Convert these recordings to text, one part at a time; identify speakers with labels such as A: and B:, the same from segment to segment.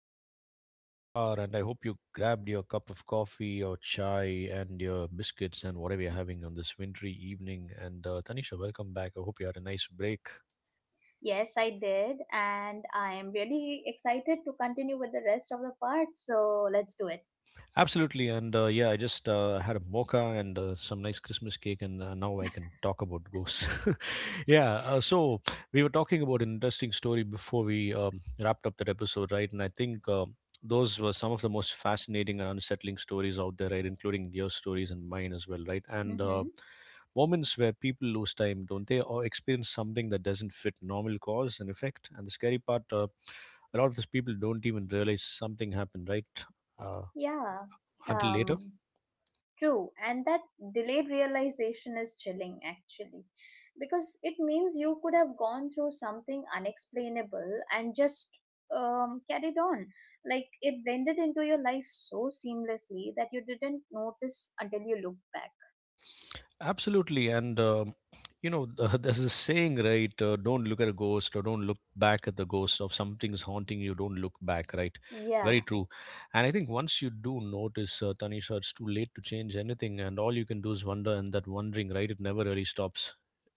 A: show, wherever you are. And I hope you grabbed your cup of coffee or chai and your biscuits and whatever you're having on this wintry evening. And Tanisha, welcome back. I hope you had a nice break.
B: Yes, I did, and I am really excited to continue with the rest of the part. So let's do it.
A: Absolutely. I just had a mocha and some nice Christmas cake, and now I can talk about ghosts. Yeah, so we were talking about an interesting story before we wrapped up that episode, right? And I think those were some of the most fascinating and unsettling stories out there, right? Including your stories and mine as well, right? And
B: Mm-hmm.
A: Moments where people lose time, don't they? Or experience something that doesn't fit normal cause and effect. And the scary part, a lot of these people don't even realize something happened, right? Uh,
B: Yeah.
A: until later.
B: Um. True, and that delayed realization is chilling actually, because it means you could have gone through something unexplainable and just carried on. Like it blended into your life so seamlessly that you didn't notice until you looked back.
A: Absolutely, and you know, there's a saying, right? Don't look at a ghost, or don't look back at the ghost of something's haunting you. Don't look back, right? Very
B: Yeah,
A: true. And I think once you do notice, Tanisha, it's too late to change anything, and all you can do is wonder, and that wondering, right? It never really stops,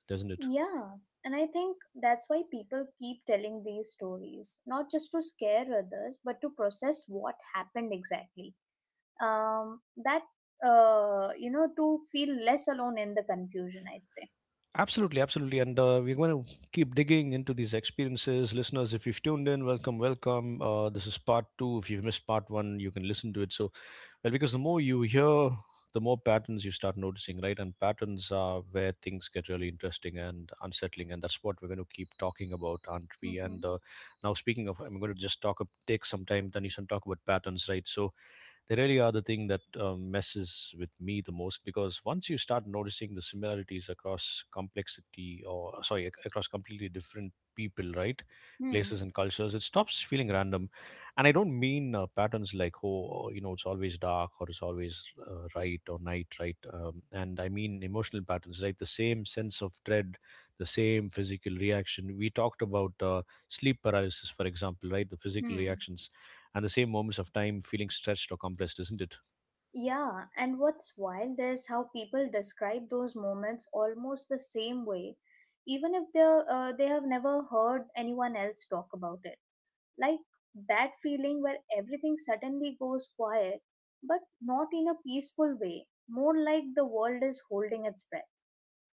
A: doesn't it?
B: Yeah, and I think that's why people keep telling these stories, not just to scare others, but to process what happened exactly. That to feel less alone in the confusion, I'd say.
A: Absolutely, absolutely. And We're going to keep digging into these experiences. Listeners, if you've tuned in, welcome, welcome. This is part two. If you've missed part one, you can listen to it. So, well, because the more you hear, the more patterns you start noticing, right? And patterns are where things get really interesting and unsettling. And that's what we're going to keep talking about, aren't we?
B: Mm-hmm.
A: And Now, speaking of, I'm going to just talk, up, take some time, Tanishan, talk about patterns, right? So, they really are the thing that messes with me the most because once you start noticing the similarities across complexity or sorry across completely different people, right,
B: Hmm.
A: places and cultures, it stops feeling random. And I don't mean patterns like oh you know it's always dark or it's always right or night right, and I mean emotional patterns right, the same sense of dread, the same physical reaction. We talked about sleep paralysis, for example, right, the physical
B: Hmm.
A: reactions and the same moments of time feeling stretched or compressed, isn't it?
B: Yeah, and what's wild is how people describe those moments almost the same way, even if they have never heard anyone else talk about it. Like that feeling where everything suddenly goes quiet, but not in a peaceful way, more like the world is holding its breath.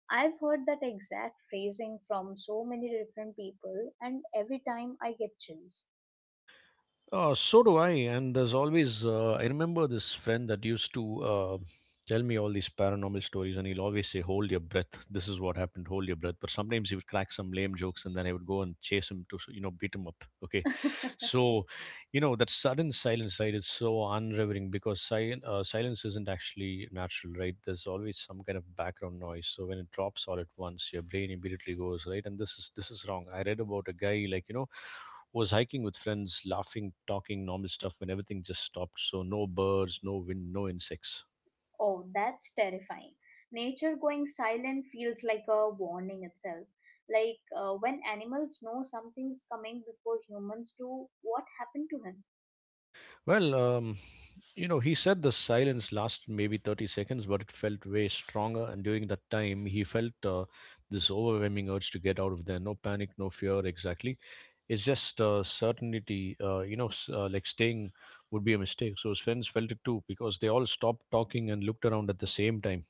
B: I've heard that exact phrasing from so many different people, and every time I get chills.
A: So do I. And there's always, I remember this friend that used to tell me all these paranormal stories, and he'll always say, hold your breath. This is what happened. Hold your breath. But sometimes he would crack some lame jokes, and then I would go and chase him to, you know, beat him up. Okay. So, you know, that sudden silence, right, is so unrevering because silence isn't actually natural, right? There's always some kind of background noise. So when it drops all at once, your brain immediately goes, right? And this is wrong. I read about a guy, like, you know, was hiking with friends, laughing, talking normal stuff when everything just stopped. So no birds, no wind, no insects.
B: Oh, that's terrifying. Nature going silent feels like a warning itself. Like when animals know something's coming before humans do, what happened to him?
A: Well, you know, he said the silence lasted maybe 30 seconds, but it felt way stronger. And during that time, he felt this overwhelming urge to get out of there. No panic, no fear, exactly. It's just certainty, you know, like staying would be a mistake. So his friends felt it too because they all stopped talking and looked around at the same time.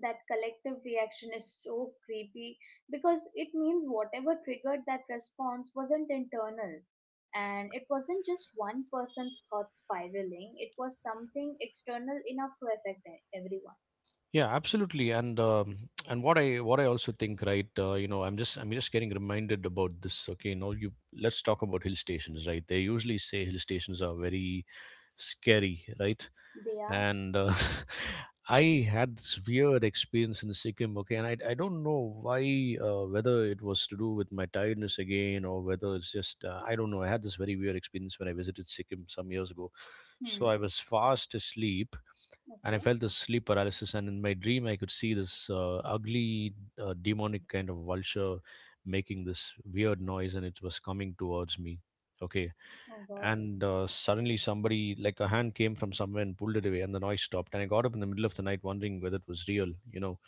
B: That collective reaction is so creepy, because it means whatever triggered that response wasn't internal, and it wasn't just one person's thought spiraling. It was something external enough to affect everyone.
A: Yeah, absolutely. And what I also think, right? You know, I'm just getting reminded about this. Okay, now you let's talk about hill stations, right? They usually say hill stations are very scary, right?
B: They are.
A: And I had this weird experience in Sikkim. Okay, and I don't know why, whether it was to do with my tiredness again or whether it's just I don't know. I had this very weird experience when I visited Sikkim some years ago.
B: Hmm.
A: So I was fast asleep and I
B: Okay.
A: felt this sleep paralysis. And in my dream, I could see this ugly, demonic kind of vulture making this weird noise, and it was coming towards me. Okay,
B: Oh god.
A: and suddenly somebody like a hand came from somewhere and pulled it away, and the noise stopped, and I got up in the middle of the night wondering whether it was real, you know.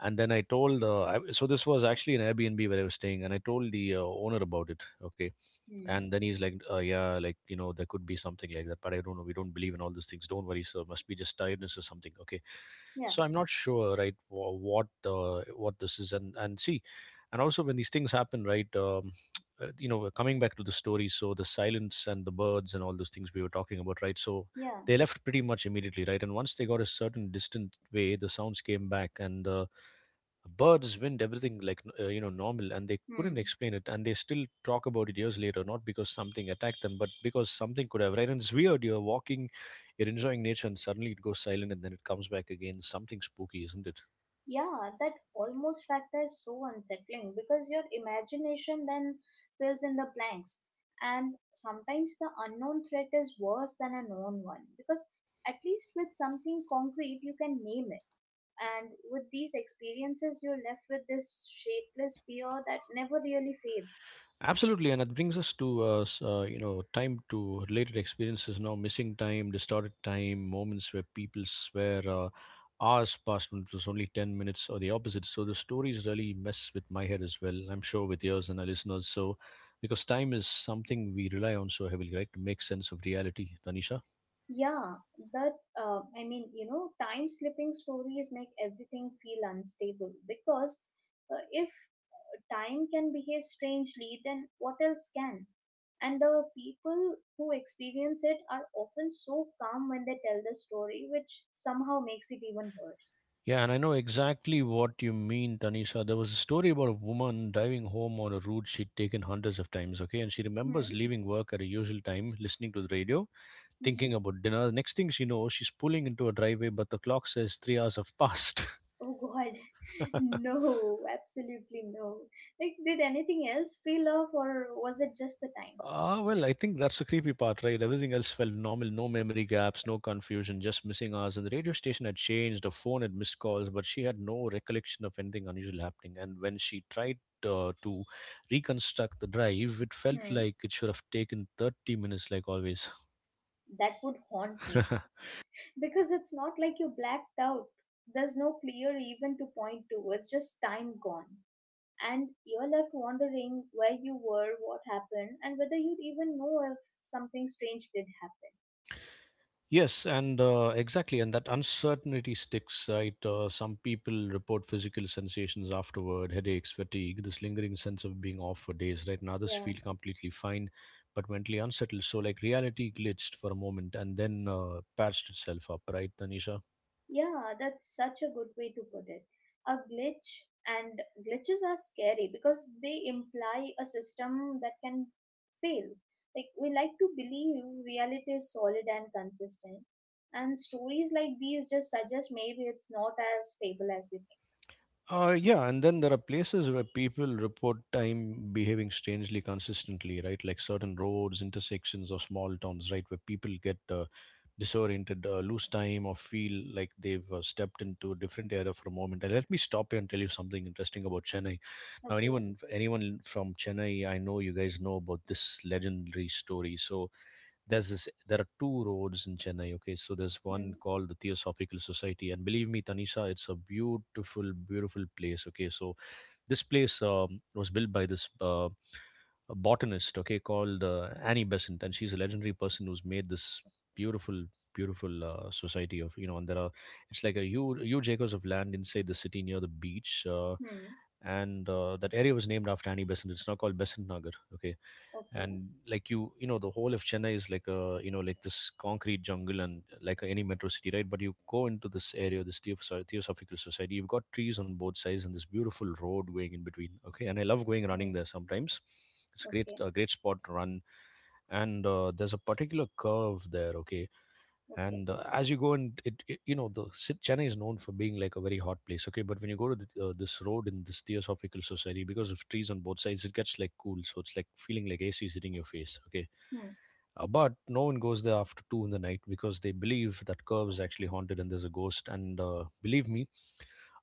A: And then I so this was actually an Airbnb where I was staying, and I told the owner about it. Okay.
B: Hmm.
A: And then he's like, yeah, like, you know, there could be something like that, but I don't know, we don't believe in all these things, don't worry sir, must be just tiredness or something. Okay.
B: Yeah,
A: So I'm not sure, right, what this is. And see and also when these things happen, right, you know, we're coming back to the story, so the silence and the birds and all those things we were talking about, right? So
B: yeah.
A: they left pretty much immediately, right? And once they got a certain distant way, the sounds came back, and the birds, wind, everything like you know, normal, and they couldn't
B: Hmm.
A: explain it, and they still talk about it years later, not because something attacked them, but because something could have, right? And it's weird. You're walking, you're enjoying nature, and suddenly it goes silent, and then it comes back again. Something spooky, isn't it?
B: Yeah, that almost factor is so unsettling because your imagination then fills in the blanks. And sometimes the unknown threat is worse than a known one because, at least with something concrete, you can name it. And with these experiences, you're left with this shapeless fear that never really fades.
A: Absolutely, and it brings us to you know, time to related experiences now. Missing time, distorted time, moments where people swear hours passed when it was only 10 minutes, or the opposite. So the stories really mess with my head as well. I'm sure with yours and our listeners. So because time is something we rely on so heavily, right, to make sense of reality, Tanisha.
B: Yeah, that I mean, time slipping stories make everything feel unstable because, if, time can behave strangely, then what else can? And the people who experience it are often so calm when they tell the story, which somehow makes it even worse.
A: Yeah, and I know exactly what you mean, Tanisha. There was a story about a woman driving home on a route she'd taken hundreds of times, okay? And she remembers
B: Hmm.
A: leaving work at a usual time, listening to the radio,
B: Mm-hmm.
A: thinking about dinner. Next thing she knows, she's pulling into a driveway, but the clock says 3 hours have passed.
B: Oh God, no! Absolutely no. Like, did anything else feel off, or was it just the time?
A: Ah, well, I think that's the creepy part, right? Everything else felt normal, no memory gaps, no confusion, just missing hours. And the radio station had changed, her phone had missed calls, but she had no recollection of anything unusual happening. And when she tried to reconstruct the drive, it felt
B: Hmm.
A: like it should have taken 30 minutes, like always.
B: That would haunt me, because it's not like you blacked out. There's no clear event to point to. It's just time gone. And you're left wondering where you were, what happened, and whether you'd even know if something strange did happen.
A: Yes, and exactly, and that uncertainty sticks, right? Some people report physical sensations afterward, headaches, fatigue, this lingering sense of being off for days, right? And others
B: Yeah.
A: feel completely fine, but mentally unsettled. So, like, reality glitched for a moment and then patched itself up, right, Tanisha?
B: Yeah, that's such a good way to put it. A glitch. And glitches are scary because they imply a system that can fail. Like we like to believe reality is solid and consistent, and stories like these just suggest maybe it's not as stable as we think.
A: Yeah, and then there are places where people report time behaving strangely consistently, right? Like certain roads, intersections, or small towns, right? Where people get disoriented, lose time, or feel like they've stepped into a different era for a moment. And let me stop here and tell you something interesting about Chennai. Now,
B: Okay.
A: anyone from Chennai, I know you guys know about this legendary story. There's this there are two roads in Chennai. Okay, so there's one
B: Hmm.
A: called the Theosophical Society, and believe me, Tanisha, it's a beautiful, place. Okay, so this place was built by this a botanist, okay, called Annie Besant, and she's a legendary person who's made this beautiful beautiful society of, you know, and there are, it's like a huge, acres of land inside the city near the beach. uh,
B: Hmm.
A: and that area was named after Annie Besant. It's now called Besant Nagar, okay.
B: Okay.
A: And like you know, the whole of Chennai is like, a you know, like this concrete jungle and like any metro city, right? But you go into this area, this Theosophical Society, you've got trees on both sides and this beautiful road going in between, okay. And I love going
B: Hmm.
A: running there sometimes. It's a
B: Okay.
A: great spot to run. And there's a particular curve there, okay.
B: Okay.
A: And as you go, and it, you know, the Chennai is known for being like a very hot place, okay, but when you go to this road in this Theosophical Society, because of trees on both sides, it gets like cool, so it's like feeling like AC is hitting your face, okay.
B: Hmm.
A: But no one goes there after 2 in the night, because they believe that curve is actually haunted and there's a ghost. And believe me,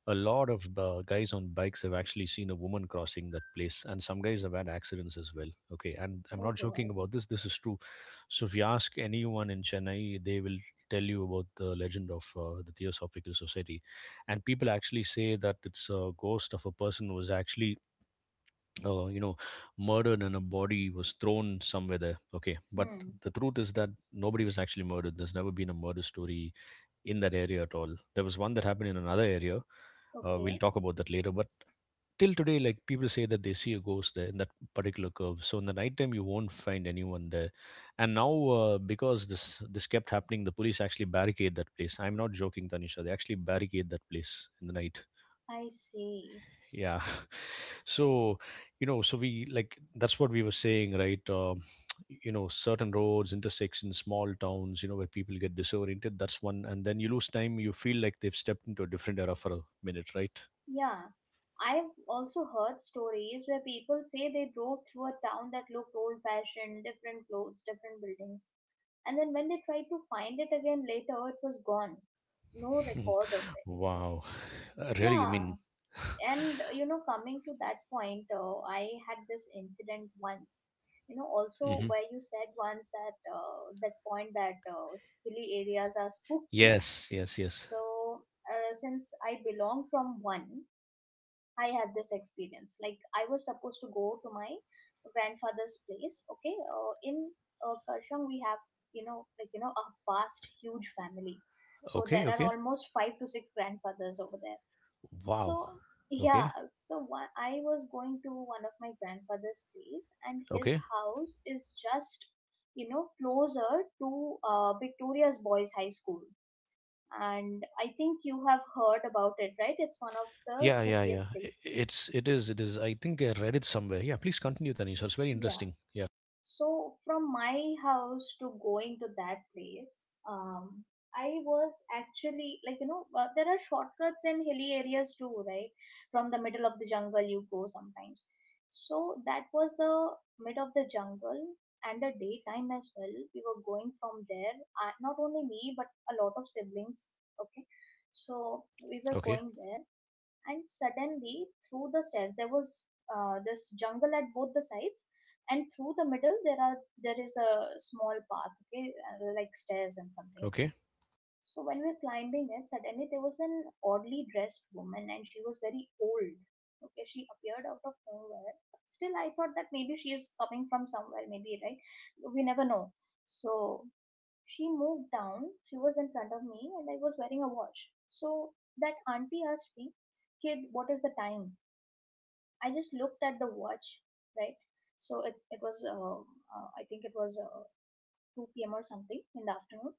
A: a lot of guys on bikes have actually seen a woman crossing that place, and some guys have had accidents as well, okay. And I'm
B: Oh
A: not
B: God.
A: joking about this, this is true. So if you ask anyone in Chennai, they will tell you about the legend of the Theosophical Society. And people actually say that it's a ghost of a person who was actually uh, you know murdered, and a body was thrown somewhere there, okay. But
B: Hmm.
A: the truth is that nobody was actually murdered. There's never been a murder story in that area at all. There was one that happened in another area. We'll
B: Okay.
A: talk about that later. But till today, like, people say that they see a ghost there in that particular curve. So in the nighttime, you won't find anyone there. And now, because this kept happening, the police actually barricade that place. I'm not joking, Tanisha. They actually barricade that place in the night.
B: I see.
A: Yeah. So, you know, so we like, that's what we were saying, right? You know, certain roads, intersections, small towns, you know, where people get disoriented, that's one, and then you lose time, you feel like they've stepped into a different era for a minute, right?
B: Yeah, I've also heard stories where people say they drove through a town that looked old fashioned, different clothes, different buildings, and then when they tried to find it again later, it was gone. No record of it.
A: Wow. Really, I
B: Yeah,
A: mean.
B: and coming to that point, I had this incident once. Also
A: Hmm.
B: where you said once that, that point that, hilly areas are spooky.
A: Yes, yes, yes.
B: So, since I belong from one, I had this experience. Like I was supposed to go to my grandfather's place. Okay, in Karshang we have, like, a vast huge family, so
A: Okay,
B: there are
A: okay.
B: almost five to six grandfathers over there.
A: Wow.
B: So yeah,
A: Okay,
B: so one, I was going to one of my grandfather's place, and his
A: okay.
B: house is just closer to Victoria's Boys High School. And I think you have heard about it, right? It's one of the
A: Yeah, yeah, yeah.
B: spookiest places.
A: It's, it is, I think I read it somewhere, yeah. Please continue, Tanisha, it's very
B: Yeah.
A: interesting, yeah.
B: So from my house to going to that place, I was actually like, there are shortcuts in hilly areas too, right? From the middle of the jungle you go sometimes. So that was the mid of the jungle, and the daytime as well. We were going from there. Not only me, but a lot of siblings. Okay, so we were
A: Okay,
B: going there, and suddenly through the stairs there was, this jungle at both the sides, and through the middle there is a small path, okay, like stairs and something.
A: okay.
B: So when we were climbing it, suddenly there was an oddly dressed woman, and she was very old. Okay, she appeared out of nowhere. Still, I thought that maybe she is coming from somewhere, maybe, right? We never know. So she moved down, she was in front of me, and I was wearing a watch. So that auntie asked me, Kid, what is the time? I just looked at the watch, right? So it was, I think it was 2 p.m. or something in the afternoon.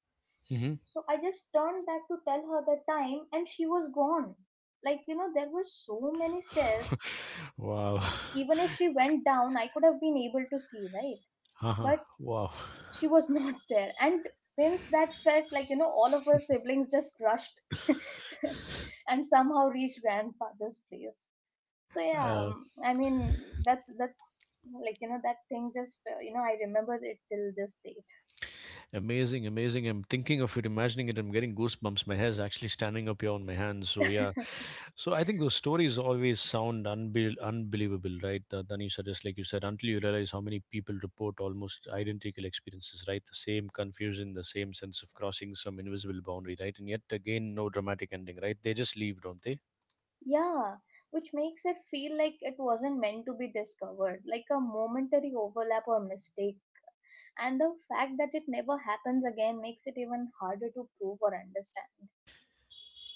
A: Mm-hmm.
B: So I just turned back to tell her the time, and she was gone. Like, there were so many stairs.
A: Wow.
B: Even if she went down, I could have been able to see, right?
A: Haha!
B: But
A: Wow.
B: she was not there, and since that felt like, all of her siblings just rushed and somehow reached grandfather's place. So yeah,
A: Uh,
B: I mean, that's like, that thing, just, I remember it till this date.
A: amazing, amazing. I'm thinking of it, imagining it. I'm getting goosebumps. My hair's actually standing up here on my hands. So, yeah. So, I think those stories always sound unbelievable, right? Danisha, just like you said, until you realize how many people report almost identical experiences, right? The same confusion, the same sense of crossing some invisible boundary, right? And yet again, no dramatic ending, right? They just leave, don't they?
B: Yeah, which makes it feel like it wasn't meant to be discovered, like a momentary overlap or mistake, and the fact that it never happens again makes it even harder to prove or understand.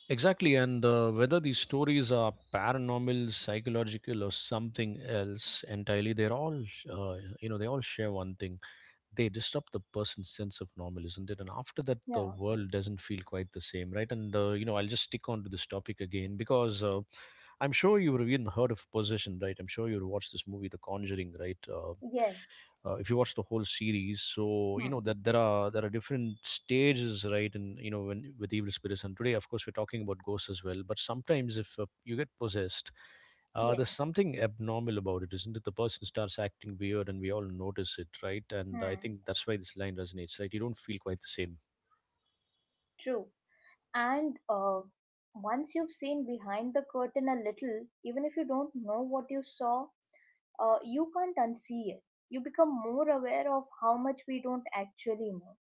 A: Exactly, and whether these stories are paranormal, psychological, or something else entirely, they're all, they all share one thing. They disrupt the person's sense of normal, isn't it? And after that, the
B: Yeah.
A: world doesn't feel quite the same, right? And, I'll just stick on to this topic again, because I'm sure you've even heard of Possession, right? I'm sure you've watched this movie, The Conjuring, right?
B: Yes.
A: If you watch the whole series, so you
B: Hmm.
A: know that there are different stages, right? And you know, when with evil spirits, and today of course we're talking about ghosts as well, but sometimes if you get possessed, there's
B: Yes.
A: something abnormal about it, isn't it? The person starts acting weird and we all notice it, right? And I
B: Hmm.
A: think that's why this line resonates, right? You don't feel quite the same.
B: True. And once you've seen behind the curtain a little, even if you don't know what you saw, you can't unsee it. You become more aware of how much we don't actually know.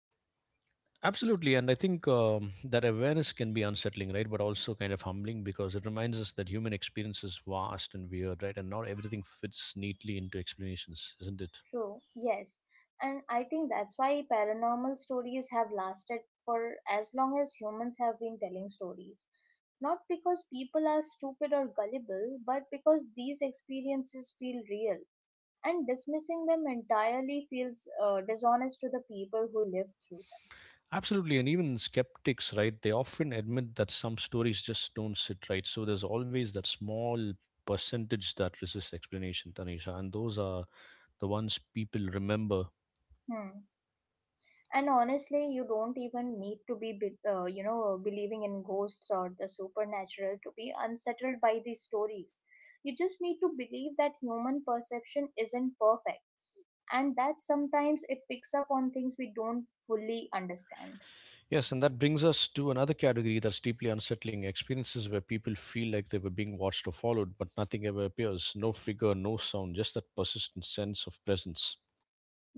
A: Absolutely, and I think that awareness can be unsettling, right? But also kind of humbling, because it reminds us that human experience is vast and weird, right? And not everything fits neatly into explanations, isn't it?
B: True. Yes. And I think that's why paranormal stories have lasted for as long as humans have been telling stories. Not because people are stupid or gullible, but because these experiences feel real, and dismissing them entirely feels dishonest to the people who lived through
A: Absolutely, and even skeptics, right? They often admit that some stories just don't sit right. So there's always that small percentage that resists explanation, Tanisha, and those are the ones people remember.
B: them. Hmm. And honestly, you don't even need to believing in ghosts or the supernatural to be unsettled by these stories. You just need to believe that human perception isn't perfect, and that sometimes it picks up on things we don't fully understand.
A: Yes, and that brings us to another category, that's deeply unsettling experiences where people feel like they were being watched or followed, but nothing ever appears. No figure, no sound, just that persistent sense of presence.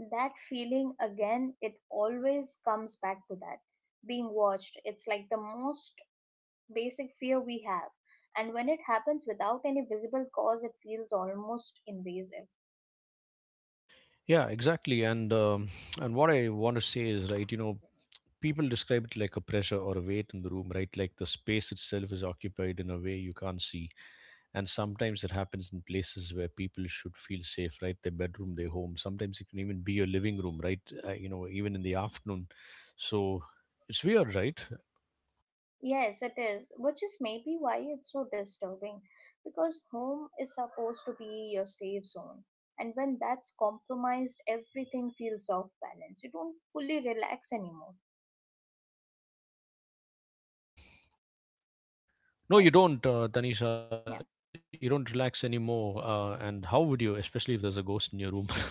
B: That feeling again, it always comes back to that being watched. It's like the most basic fear we have, and when it happens without any visible cause, it feels almost invasive.
A: Yeah, exactly. And what I want to say is, right, you know, people describe it like a pressure or a weight in the room, right? Like the space itself is occupied in a way you can't see. And sometimes it happens in places where people should feel safe, right? Their bedroom, their home. Sometimes it can even be your living room, right? You know, even in the afternoon. So, it's weird, right?
B: Yes, it is, which is maybe why it's so disturbing, because home is supposed to be your safe zone. And when that's compromised, everything feels off balance. You don't fully relax anymore.
A: No,
B: Right.
A: you don't, Tanisha. You don't
B: Yeah.
A: relax anymore. And how would you, especially if there's a ghost in your room?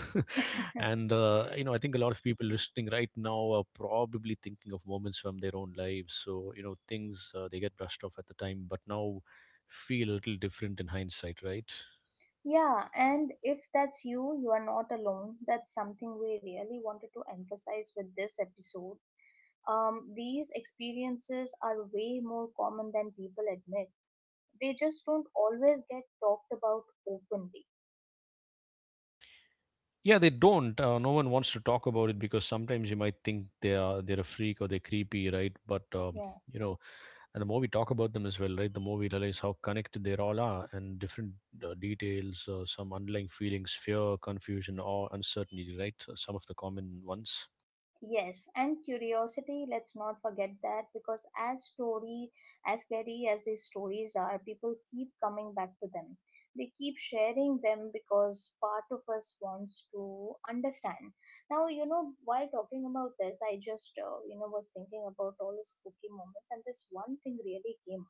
A: And, you know, I think a lot of people listening right now are probably thinking of moments from their own lives. So, you know, things they get brushed off at the time, but now feel a little different in hindsight, right?
B: Yeah, and if that's you, you are not alone. That's something we really wanted to emphasize with this episode. These experiences are way more common than people admit. They just don't always get talked about openly.
A: Yeah, they don't. No one wants to talk about it because sometimes you might think they are they're a freak or they're creepy, right? But
B: Yeah.
A: you know, and the more we talk about them as well, right, the more we realize how connected they all are, and different details, some underlying feelings, fear, confusion, or uncertainty, right? So some of the common ones.
B: Yes, and curiosity, let's not forget that, because as scary as these stories are, people keep coming back to them. They keep sharing them because part of us wants to understand. Now, while talking about this, I just, was thinking about all the spooky moments, and this one thing really came.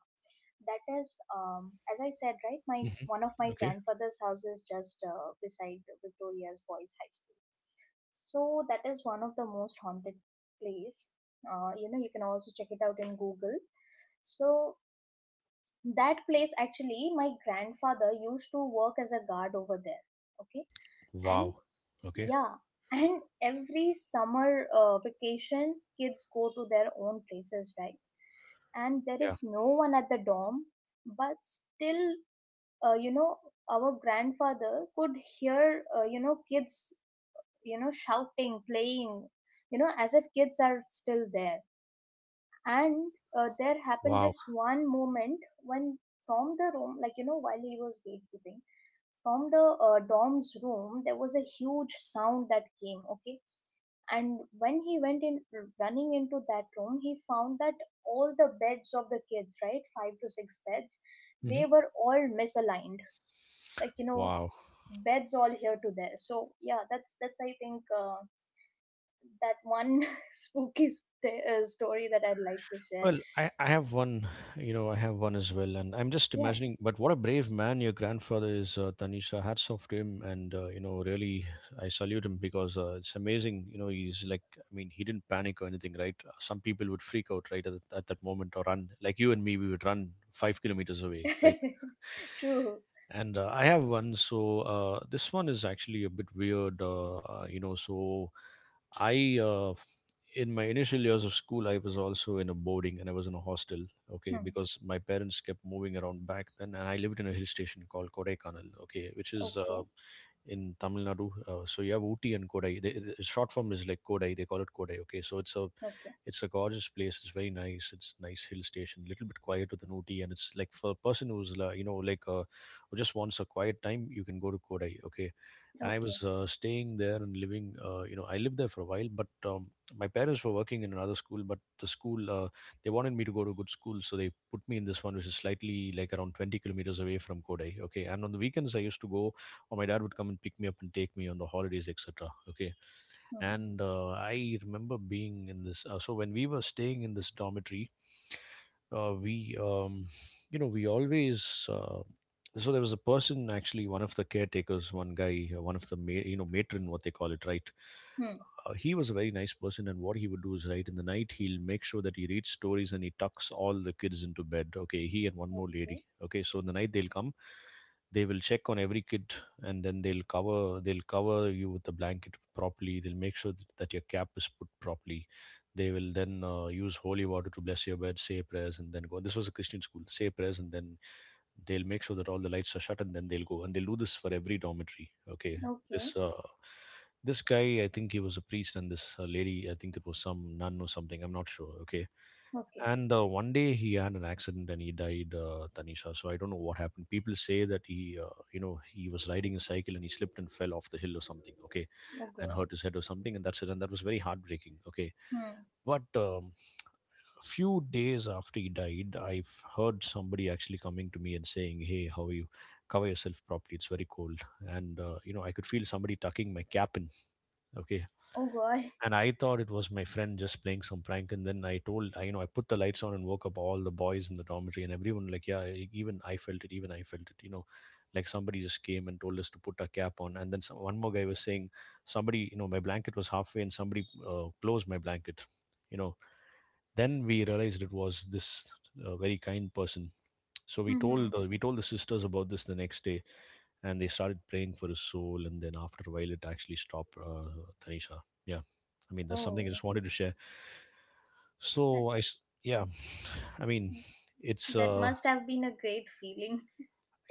B: That is, as I said, right, my
A: Hmm.
B: one of my
A: Okay.
B: grandfather's house is just beside Victoria's Boys High School. So that is one of the most haunted place. You know, you can also check it out in Google. So that place, actually, my grandfather used to work as a guard over there. Okay. And
A: Wow. Okay.
B: yeah, and every summer vacation kids go to their own places, right? And there
A: Yeah.
B: is no one at the dorm. But still, uh, you know our grandfather could hear, kids, shouting, playing, as if kids are still there. And there happened
A: Wow.
B: this one moment when, from the room, like, while he was gatekeeping, from the dom's room there was a huge sound that came, okay. And when he went in running into that room, he found that all the beds of the kids, right, five to six beds, they
A: Hmm.
B: were all misaligned, like,
A: Wow.
B: beds all here to there. So yeah, that's I think, that one spooky story that I'd like to share.
A: Well, I have one, you know, I have one as well, and I'm just imagining. But what a brave man your grandfather is, Tanisha. Hats off to him, and you know, really, I salute him because it's amazing. You know, he's like, I mean, he didn't panic or anything, right? Some people would freak out, right, at, at that moment, or run. Like you and me, we would run 5 kilometers away,
B: Yeah.
A: right?
B: True.
A: And I have one. So this one is actually a bit weird, you know. So I in my initial years of school, I was also in a boarding, and I was in a hostel, okay,
B: Hmm.
A: because my parents kept moving around back then, and I lived in a hill station called Kodaikanal, okay, which is
B: Okay.
A: in Tamil Nadu. So you have Ooty and Kodai, the short form is like Kodai, they call it Kodai, okay. So it's a,
B: Okay.
A: it's a gorgeous place. It's very nice. It's nice hill station, a little bit quieter than Ooty, and it's like for a person who's who just wants a quiet time, you can go to Kodai. Okay, and I was
B: Okay.
A: staying there and living. You know, I lived there for a while, but my parents were working in another school, but the school they wanted me to go to a good school, so they put me in this one, which is slightly like around 20 kilometers away from Kodai. Okay, and on the weekends I used to go, or my dad would come and pick me up and take me on the holidays, etc. Okay.
B: Hmm.
A: And I remember being in this so when we were staying in this dormitory, we you know we always so there was a person, actually one of the caretakers, one guy, one of the you know, matron, what they call it, right?
B: Hmm.
A: He was a very nice person, and what he would do is, right, in the night he'll make sure that he reads stories and he tucks all the kids into bed, okay, he and one more
B: Okay.
A: lady. Okay, so in the night they'll come, they will check on every kid, and then they'll cover, they'll cover you with the blanket properly. They'll make sure that your cap is put properly. They will then use holy water to bless your bed, say prayers, and then go, this was a Christian school, say prayers, and then they'll make sure that all the lights are shut, and then they'll go, and they'll do this for every dormitory, okay.
B: Okay.
A: This this guy, I think he was a priest, and this lady, I think it was some nun or something, I'm not sure, okay.
B: Okay.
A: And one day he had an accident and he died, Tanisha. So I don't know what happened. People say that he he was riding a cycle, and he slipped and fell off the hill or something, okay,
B: Oh
A: and
B: god.
A: hurt his head or something, and that's it. And that was very heartbreaking, okay.
B: Hmm.
A: But few days after he died, I've heard somebody actually coming to me and saying, "Hey, how are you? Cover yourself properly. It's very cold." And you know, I could feel somebody tucking my cap in. Okay,
B: Oh god.
A: and I thought it was my friend just playing some prank. And then I told, I, you know, I put the lights on and woke up all the boys in the dormitory and everyone. Like, yeah, even I felt it. Even I felt it. You know, like somebody just came and told us to put our cap on. And then some, one more guy was saying, somebody, you know, my blanket was halfway and somebody closed my blanket. You know, then we realized it was this very kind person. So we told
B: Hmm.
A: the sisters about this the next day, and they started praying for his soul. And then after a while, it actually stopped. Tanisha, yeah, I mean that's something I
B: Oh,
A: just wanted to share.
B: that,
A: So I, s- yeah, I mean it's
B: that must have been a great feeling.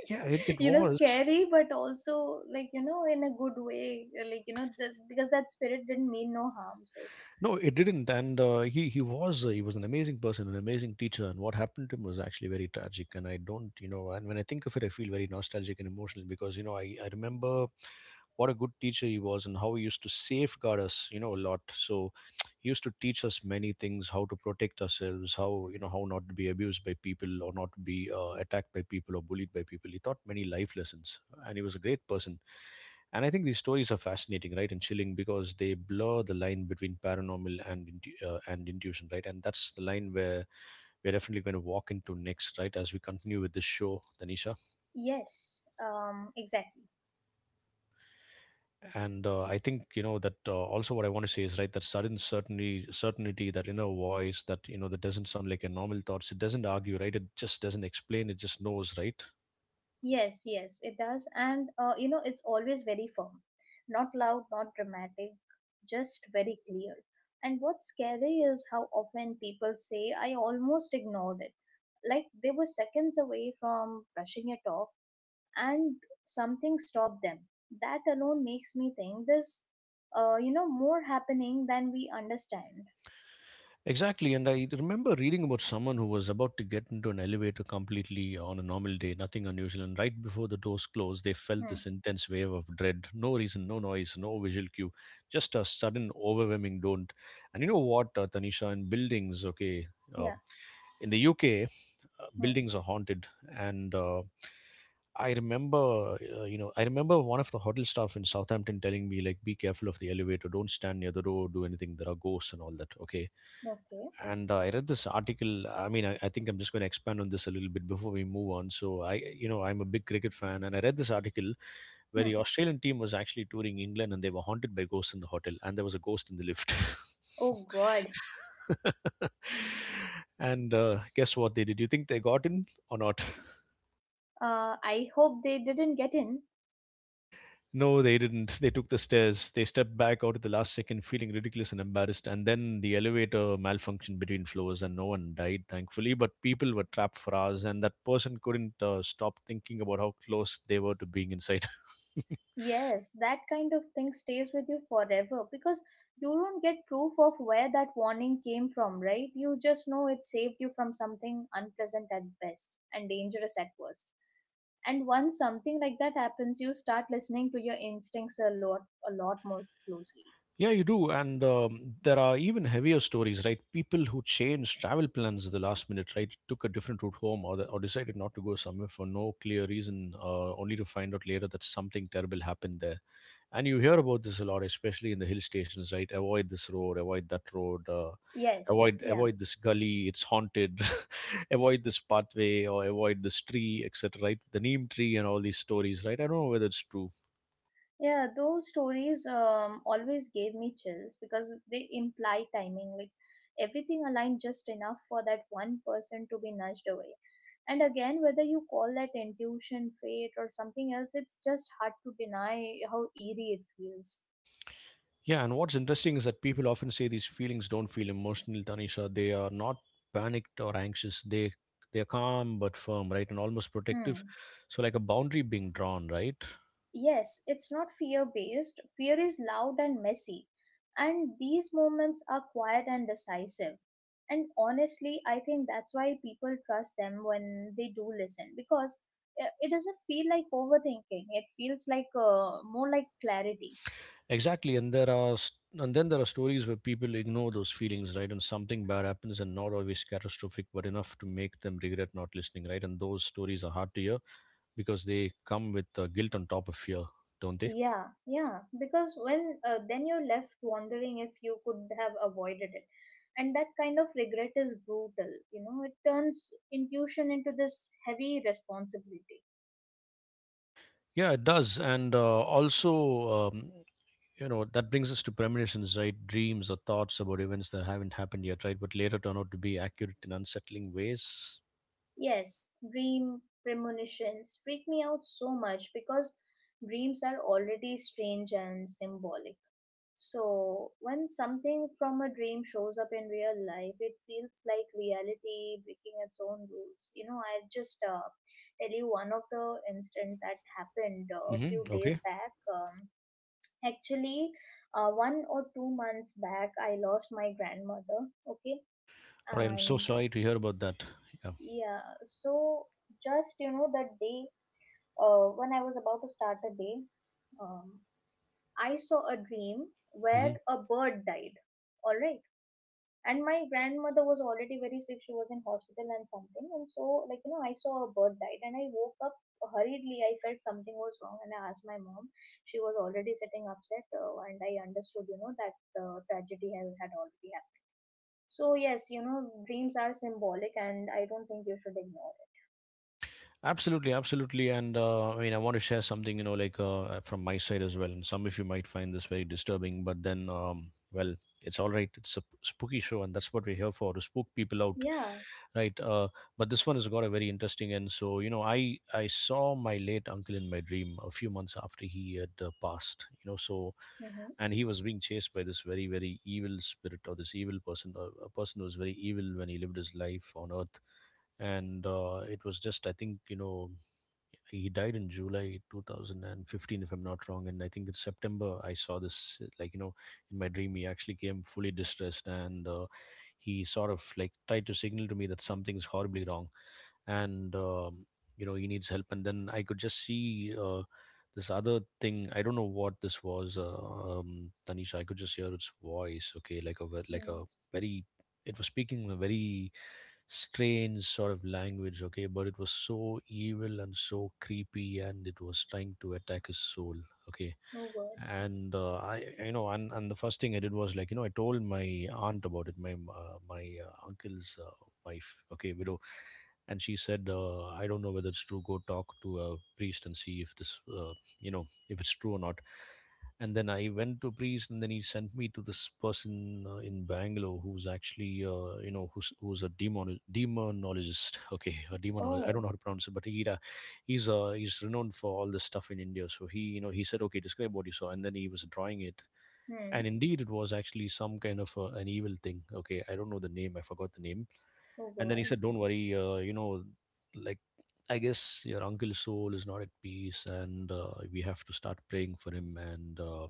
A: yeah it, it was
B: scary, but also like, in a good way, like, because that spirit didn't mean no harm, so.
A: No, it didn't, and he was he was an amazing person, an amazing teacher, and what happened to him was actually very tragic. And I don't, you know, and when I think of it, I feel very nostalgic and emotional because you know I remember what a good teacher he was and how he used to safeguard us, you know, a lot. So he used to teach us many things, how to protect ourselves, how you know how not to be abused by people or not to be attacked by people or bullied by people. He taught many life lessons, and he was a great person, and I think these stories are fascinating, right, and chilling because they blur the line between paranormal and intuition, right? And that's the line where we're definitely going to walk into next, right, as we continue with this show, Tanisha.
B: Yes, exactly.
A: And I think you know that also what I want to say is right that sudden certainty, that inner voice that you know that doesn't sound like a normal thoughts. It doesn't argue, right? It just doesn't explain. It just knows, right?
B: Yes, yes, it does. And, it's always very firm, not loud, not dramatic, just very clear. And what's scary is how often people say, I almost ignored it. Like they were seconds away from brushing it off, and something stopped them. That alone makes me think this, more happening than we understand.
A: Exactly, and I remember reading about someone who was about to get into an elevator completely on a normal day, nothing unusual, and right before the doors closed, they felt
B: Hmm.
A: this intense wave of dread. No reason, no noise, no visual cue, just a sudden, overwhelming don't. And you know what, Tanisha, in buildings, okay, uh,
B: Yeah.
A: in the UK,
B: Hmm.
A: buildings are haunted, and I remember, you know, I remember one of the hotel staff in Southampton telling me, like, be careful of the elevator, don't stand near the door, do anything, there are ghosts and all that, okay.
B: Okay.
A: And I read this article. I think I'm just going to expand on this a little bit before we move on. So I, you know, I'm a big cricket fan and I read this article where the
B: Hmm.
A: Australian team was actually touring England and they were haunted by ghosts in the hotel and there was a ghost in the lift.
B: Oh God.
A: And guess what they did? You think they got in or not?
B: I hope they didn't get in.
A: No, they didn't. They took the stairs. They stepped back out at the last second, feeling ridiculous and embarrassed. And then the elevator malfunctioned between floors, and no one died, thankfully. But people were trapped for hours, and that person couldn't stop thinking about how close they were to being inside.
B: Yes, that kind of thing stays with you forever because you don't get proof of where that warning came from, right? You just know it saved you from something unpleasant at best and dangerous at worst. And once something like that happens, you start listening to your instincts a lot more closely.
A: Yeah, you do. And there are even heavier stories, right? People who changed travel plans at the last minute, right? Took a different route home or decided not to go somewhere for no clear reason, only to find out later that something terrible happened there. And you hear about this a lot, especially in the hill stations, right? Avoid this road, avoid that road, uh,
B: Yes,
A: avoid
B: yeah.
A: avoid this gully, it's haunted. Avoid this pathway or avoid this tree, etc, right? The neem tree and all these stories, right? I don't know whether it's true.
B: Yeah, those stories always gave me chills because they imply timing. Like everything aligned just enough for that one person to be nudged away. And again, whether you call that intuition, fate, or something else, it's just hard to deny how eerie it feels.
A: Yeah, and what's interesting is that people often say these feelings don't feel emotional, Tanisha. They are not panicked or anxious. They they're calm but firm, right, and almost protective.
B: Hmm.
A: So like a boundary being drawn, right?
B: Yes, it's not fear based. Fear is loud and messy, and these moments are quiet and decisive. And honestly, I think that's why people trust them when they do listen because it doesn't feel like overthinking. It feels like more like clarity.
A: Exactly, and then there are stories where people ignore those feelings, right? And something bad happens, and not always catastrophic, but enough to make them regret not listening, right? And those stories are hard to hear because they come with guilt on top of fear, don't they?
B: Yeah, yeah, because when then you're left wondering if you could have avoided it. And that kind of regret is brutal. You know, it turns intuition into this heavy responsibility.
A: Yeah, it does, and also. Um, you know that brings us to premonitions, right? Dreams or thoughts about events that haven't happened yet, right, but later turn out to be accurate in unsettling ways.
B: Yes, dream premonitions freak me out so much because dreams are already strange and symbolic. So, when something from a dream shows up in real life, it feels like reality breaking its own rules. I'll just tell you one of the incident that happened a
A: Hmm,
B: few days
A: okay.
B: back. Actually, one or two months back, I lost my grandmother. Okay,
A: All right, I'm so
B: and
A: sorry to hear about that.
B: yeah, so just you know that day when I was about to start the day, um, I saw a dream where
A: Yeah.
B: a bird died. All right, and my grandmother was already very sick. She was in hospital and something, and so I saw a bird died, and I woke up hurriedly. I felt something was wrong, and I asked my mom. She was already sitting upset, and I understood that the tragedy had already happened. So yes, you know, dreams are symbolic, and I don't think you should ignore it.
A: Absolutely, absolutely. And I mean, I want to share something, you know, like from my side as well. And some of you might find this very disturbing, but then, well, it's all right. It's a spooky show, and that's what we're here for, to spook people out,
B: Yeah.
A: right? But this one has got a very interesting end. So, you know, I saw my late uncle in my dream a few months after he had passed. You know, so,
B: Mm-hmm.
A: and he was being chased by this very evil spirit or this evil person, a person who was very evil when he lived his life on earth. And it was just, I think, you know, he died in July 2015 if I'm not wrong, and I think in September I saw this, like you know, in my dream he actually came fully distressed, and he sort of like tried to signal to me that something's horribly wrong. And you know, he needs help. And then I could just see, this other thing, I don't know what this was. Tanisha, I could just hear its voice, okay, like a ve- like
B: Mm.
A: a very, it was speaking in a very strange sort of language, okay, but it was so evil and so creepy, and it was trying to attack his soul, okay.
B: Oh god.
A: And you know, and the first thing I did was, like, you know, I told my aunt about it, my uncle's wife, okay, widow. And she said, I don't know whether it's true, go talk to a priest and see if this, you know, if it's true or not. And then I went to a priest, and then he sent me to this person in Bangalore who's actually, you know, who's a demonologist okay, a demonologist. I don't
B: Oh.
A: know how to pronounce it, but he he's renowned for all this stuff in India. So he, you know, he said, okay, describe what you saw, and then he was drawing it. And
B: Hmm.
A: indeed it was actually some kind of an evil thing, okay, I don't know the name, I forgot the name.
B: Oh
A: And then he
B: god.
A: said, don't worry, you know, like, I guess your uncle's soul is not at peace, and we have to start praying for him. And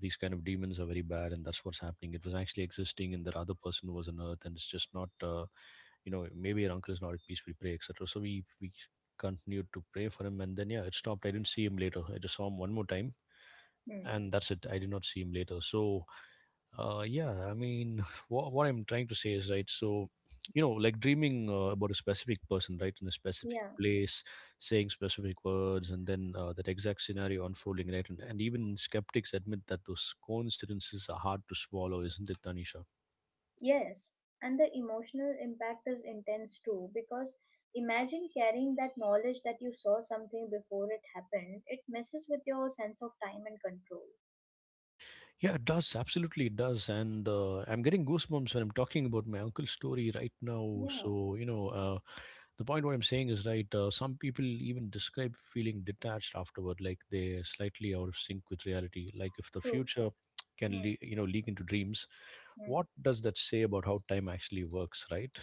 A: these kind of demons are very bad, and that's what's happening. It was actually existing in that other person who was on earth, and it's just not, you know, maybe your uncle is not at peace, we pray, etc. So we continued to pray for him, and then yeah, it stopped. I didn't see him later, I just saw him one more time,
B: Hmm.
A: and that's it. I did not see him later. So yeah, I mean, what I'm trying to say is, right, so, you know, like dreaming, about a specific person, right, in a specific
B: Yeah.
A: place, saying specific words, and then, that exact scenario unfolding, right? And even skeptics admit that those coincidences are hard to swallow, isn't it, Tanisha?
B: Yes. And the emotional impact is intense too because imagine carrying that knowledge that you saw something before it happened. It messes with your sense of time and control.
A: Yeah, it does. Absolutely, it does. And I'm getting goosebumps when I'm talking about my uncle's story right now.
B: Yeah.
A: So, you know, the point what I'm saying is right. Some people even describe feeling detached afterward, like they're slightly out of sync with reality. Like if the
B: True.
A: future can you know leak into dreams,
B: Mm-hmm.
A: what does that say about how time actually works, right?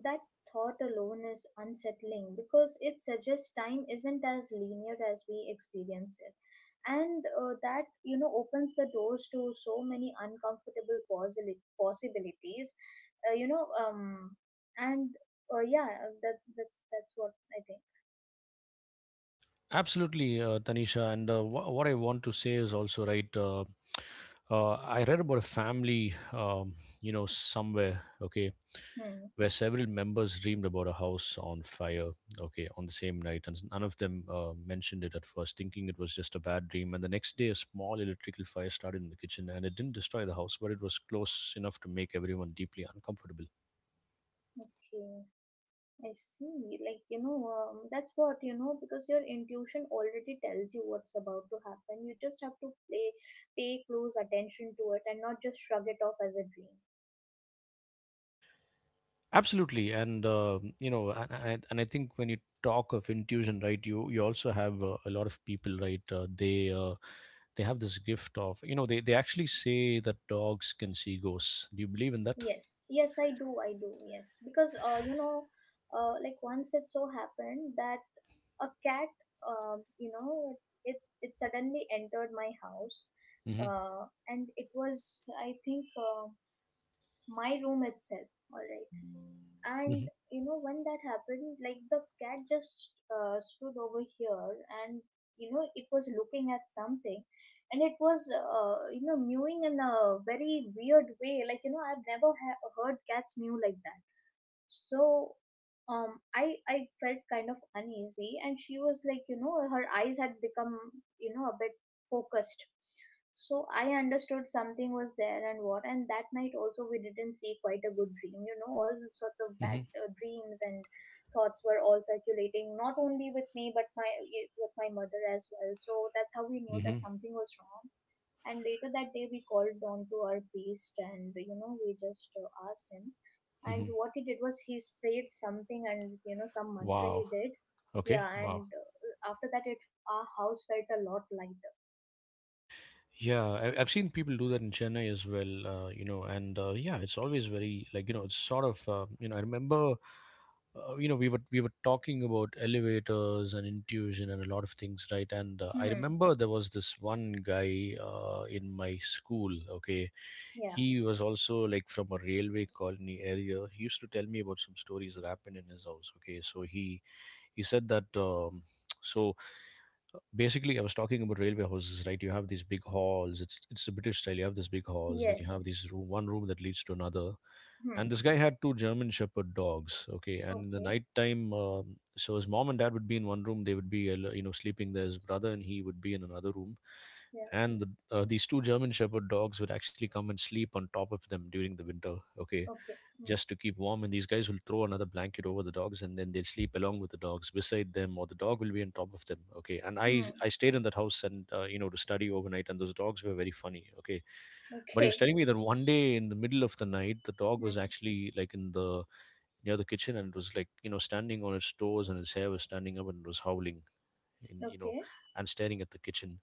B: That thought alone is unsettling because it suggests time isn't as linear as we experience it. And that, you know, opens the doors to so many uncomfortable possibilities, uh, you know, um, and yeah, that's what I think.
A: Absolutely, Tanisha. And what I want to say is also right. I read about a family, you know, somewhere, okay,
B: Hmm.
A: where several members dreamed about a house on fire, okay, on the same night, and none of them mentioned it at first, thinking it was just a bad dream. And the next day, a small electrical fire started in the kitchen, and it didn't destroy the house, but it was close enough to make everyone deeply uncomfortable.
B: Okay. I see. Like, that's what, you know, because your intuition already tells you what's about to happen. You just have to pay close attention to it and not just shrug it off as a dream.
A: Absolutely, and you know, and I think when you talk of intuition, right, you also have a lot of people, right? They have this gift of, you know, they actually say that dogs can see ghosts. Do you believe in that?
B: Yes. Yes, I do. I do. Yes. Because, you know, like once it so happened that a cat, um, you know, it, it suddenly entered my house.
A: Mm-hmm.
B: And it was, I think, my room itself. All right,
A: Mm-hmm.
B: and you know when that happened, like the cat just stood over here, and you know it was looking at something, and it was mewing in a very weird way. Like, you know, I've never heard cats mew like that. So, I felt kind of uneasy, and she was like, you know, her eyes had become, you know, a bit focused. So I understood something was there. And what, and that night also, we didn't see quite a good dream, you know, all sorts of bad
A: Mm-hmm.
B: uh, dreams and thoughts were all circulating, not only with me, but my with my mother as well. So that's how we knew that something was wrong. And later that day, we called down to our priest, and you know, we just asked him. And
A: Mm-hmm.
B: what he did was he sprayed something, and you know, some mantra
A: Wow.
B: he did.
A: Okay.
B: Yeah,
A: Wow.
B: and after that it our house felt a lot lighter.
A: Yeah, I've seen people do that in Chennai as well, and yeah, it's always very like it's sort of I remember we were talking about elevators and intuition and a lot of things, right? And I
B: Hmm.
A: remember there was this one guy in my school. Okay,
B: Yeah.
A: he was also like from a railway colony area. He used to tell me about some stories that happened in his house. Okay, so he said that so basically I was talking about railway houses, right? You have these big halls, it's the British style. You have these big halls, then you have
B: Yes.
A: these room, one room that leads to another.
B: Hmm.
A: And this guy had two German Shepherd dogs. Okay, and in the
B: Okay.
A: nighttime, so his mom and dad would be in one room, they would be sleeping there. His brother and he would be in another room.
B: Yeah.
A: And these two German Shepherd dogs would actually come and sleep on top of them during the winter. Okay,
B: Okay. Hmm.
A: just to keep warm. And these guys will throw another blanket over the dogs, and then they'll sleep along with the dogs beside them, or the dog will be on top of them. Okay, and I
B: Hmm.
A: I stayed in that house, and to study overnight, and those dogs were very funny. Okay, but he was
B: Okay.
A: telling me that one day in the middle of the night, the dog
B: Hmm.
A: was actually like in the near the kitchen, and it was like standing on its toes, and its hair was standing up, and it was howling, and
B: Okay.
A: and staring at the kitchen.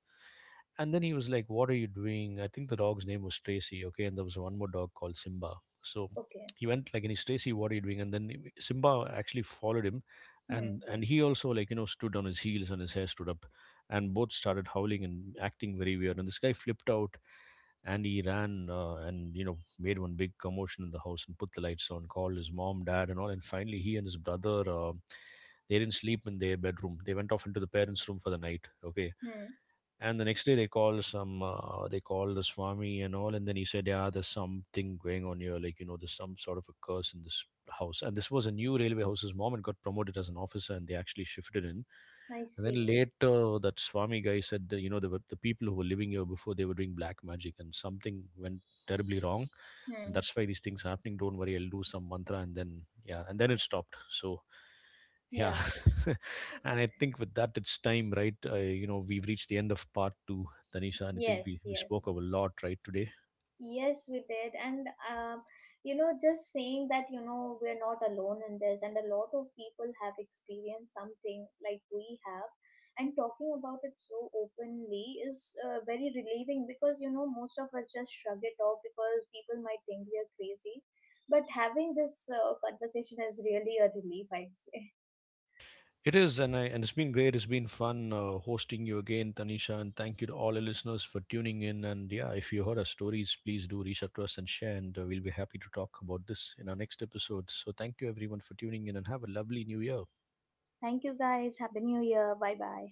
A: And then he was like, what are you doing? I think the dog's name was Tracy. Okay, and there was one more dog called Simba. So
B: Okay.
A: he went like, and he's Tracy, what are you doing? And then Simba actually followed him,
B: Hmm.
A: and he also like stood on his heels, and his hair stood up, and both started howling and acting very weird, and this guy flipped out. And he ran, and made one big commotion in the house and put the lights on, called his mom, dad, and all. And finally, he and his brother, they didn't sleep in their bedroom. They went off into the parents' room for the night. Okay,
B: Hmm.
A: and the next day they call some. They call the Swami and all, and then he said, "Yeah, there's something going on here. Like, there's some sort of a curse in this house." And this was a new railway house. His mom had got promoted as an officer, and they actually shifted in.
B: I
A: And
B: see.
A: then later, that Swami guy said that, the people who were living here before, they were doing black magic, and something went terribly wrong, and
B: Hmm.
A: that's why these things happening. Don't worry, I'll do some mantra. And then, yeah, and then it stopped. So yeah.
B: Yeah.
A: And I think with that, it's time, right? We've reached the end of part two, Tanisha. And I think we,
B: Yes.
A: we spoke
B: Yes.
A: of a lot, right, today.
B: Yes, we did. And, you know, just saying that, you know, we're not alone in this, and a lot of people have experienced something like we have, and talking about it so openly is very relieving because, you know, most of us just shrug it off because people might think we are crazy. But having this conversation is really a relief, I'd say.
A: It is. And it's been great, it's been fun hosting you again, Tanisha. And thank you to all the listeners for tuning in. And yeah, if you heard our stories, please do reach out to us and share. And we'll be happy to talk about this in our next episode. So thank you everyone for tuning in, and have a lovely New Year.
B: Thank you, guys. Happy New Year. Bye bye.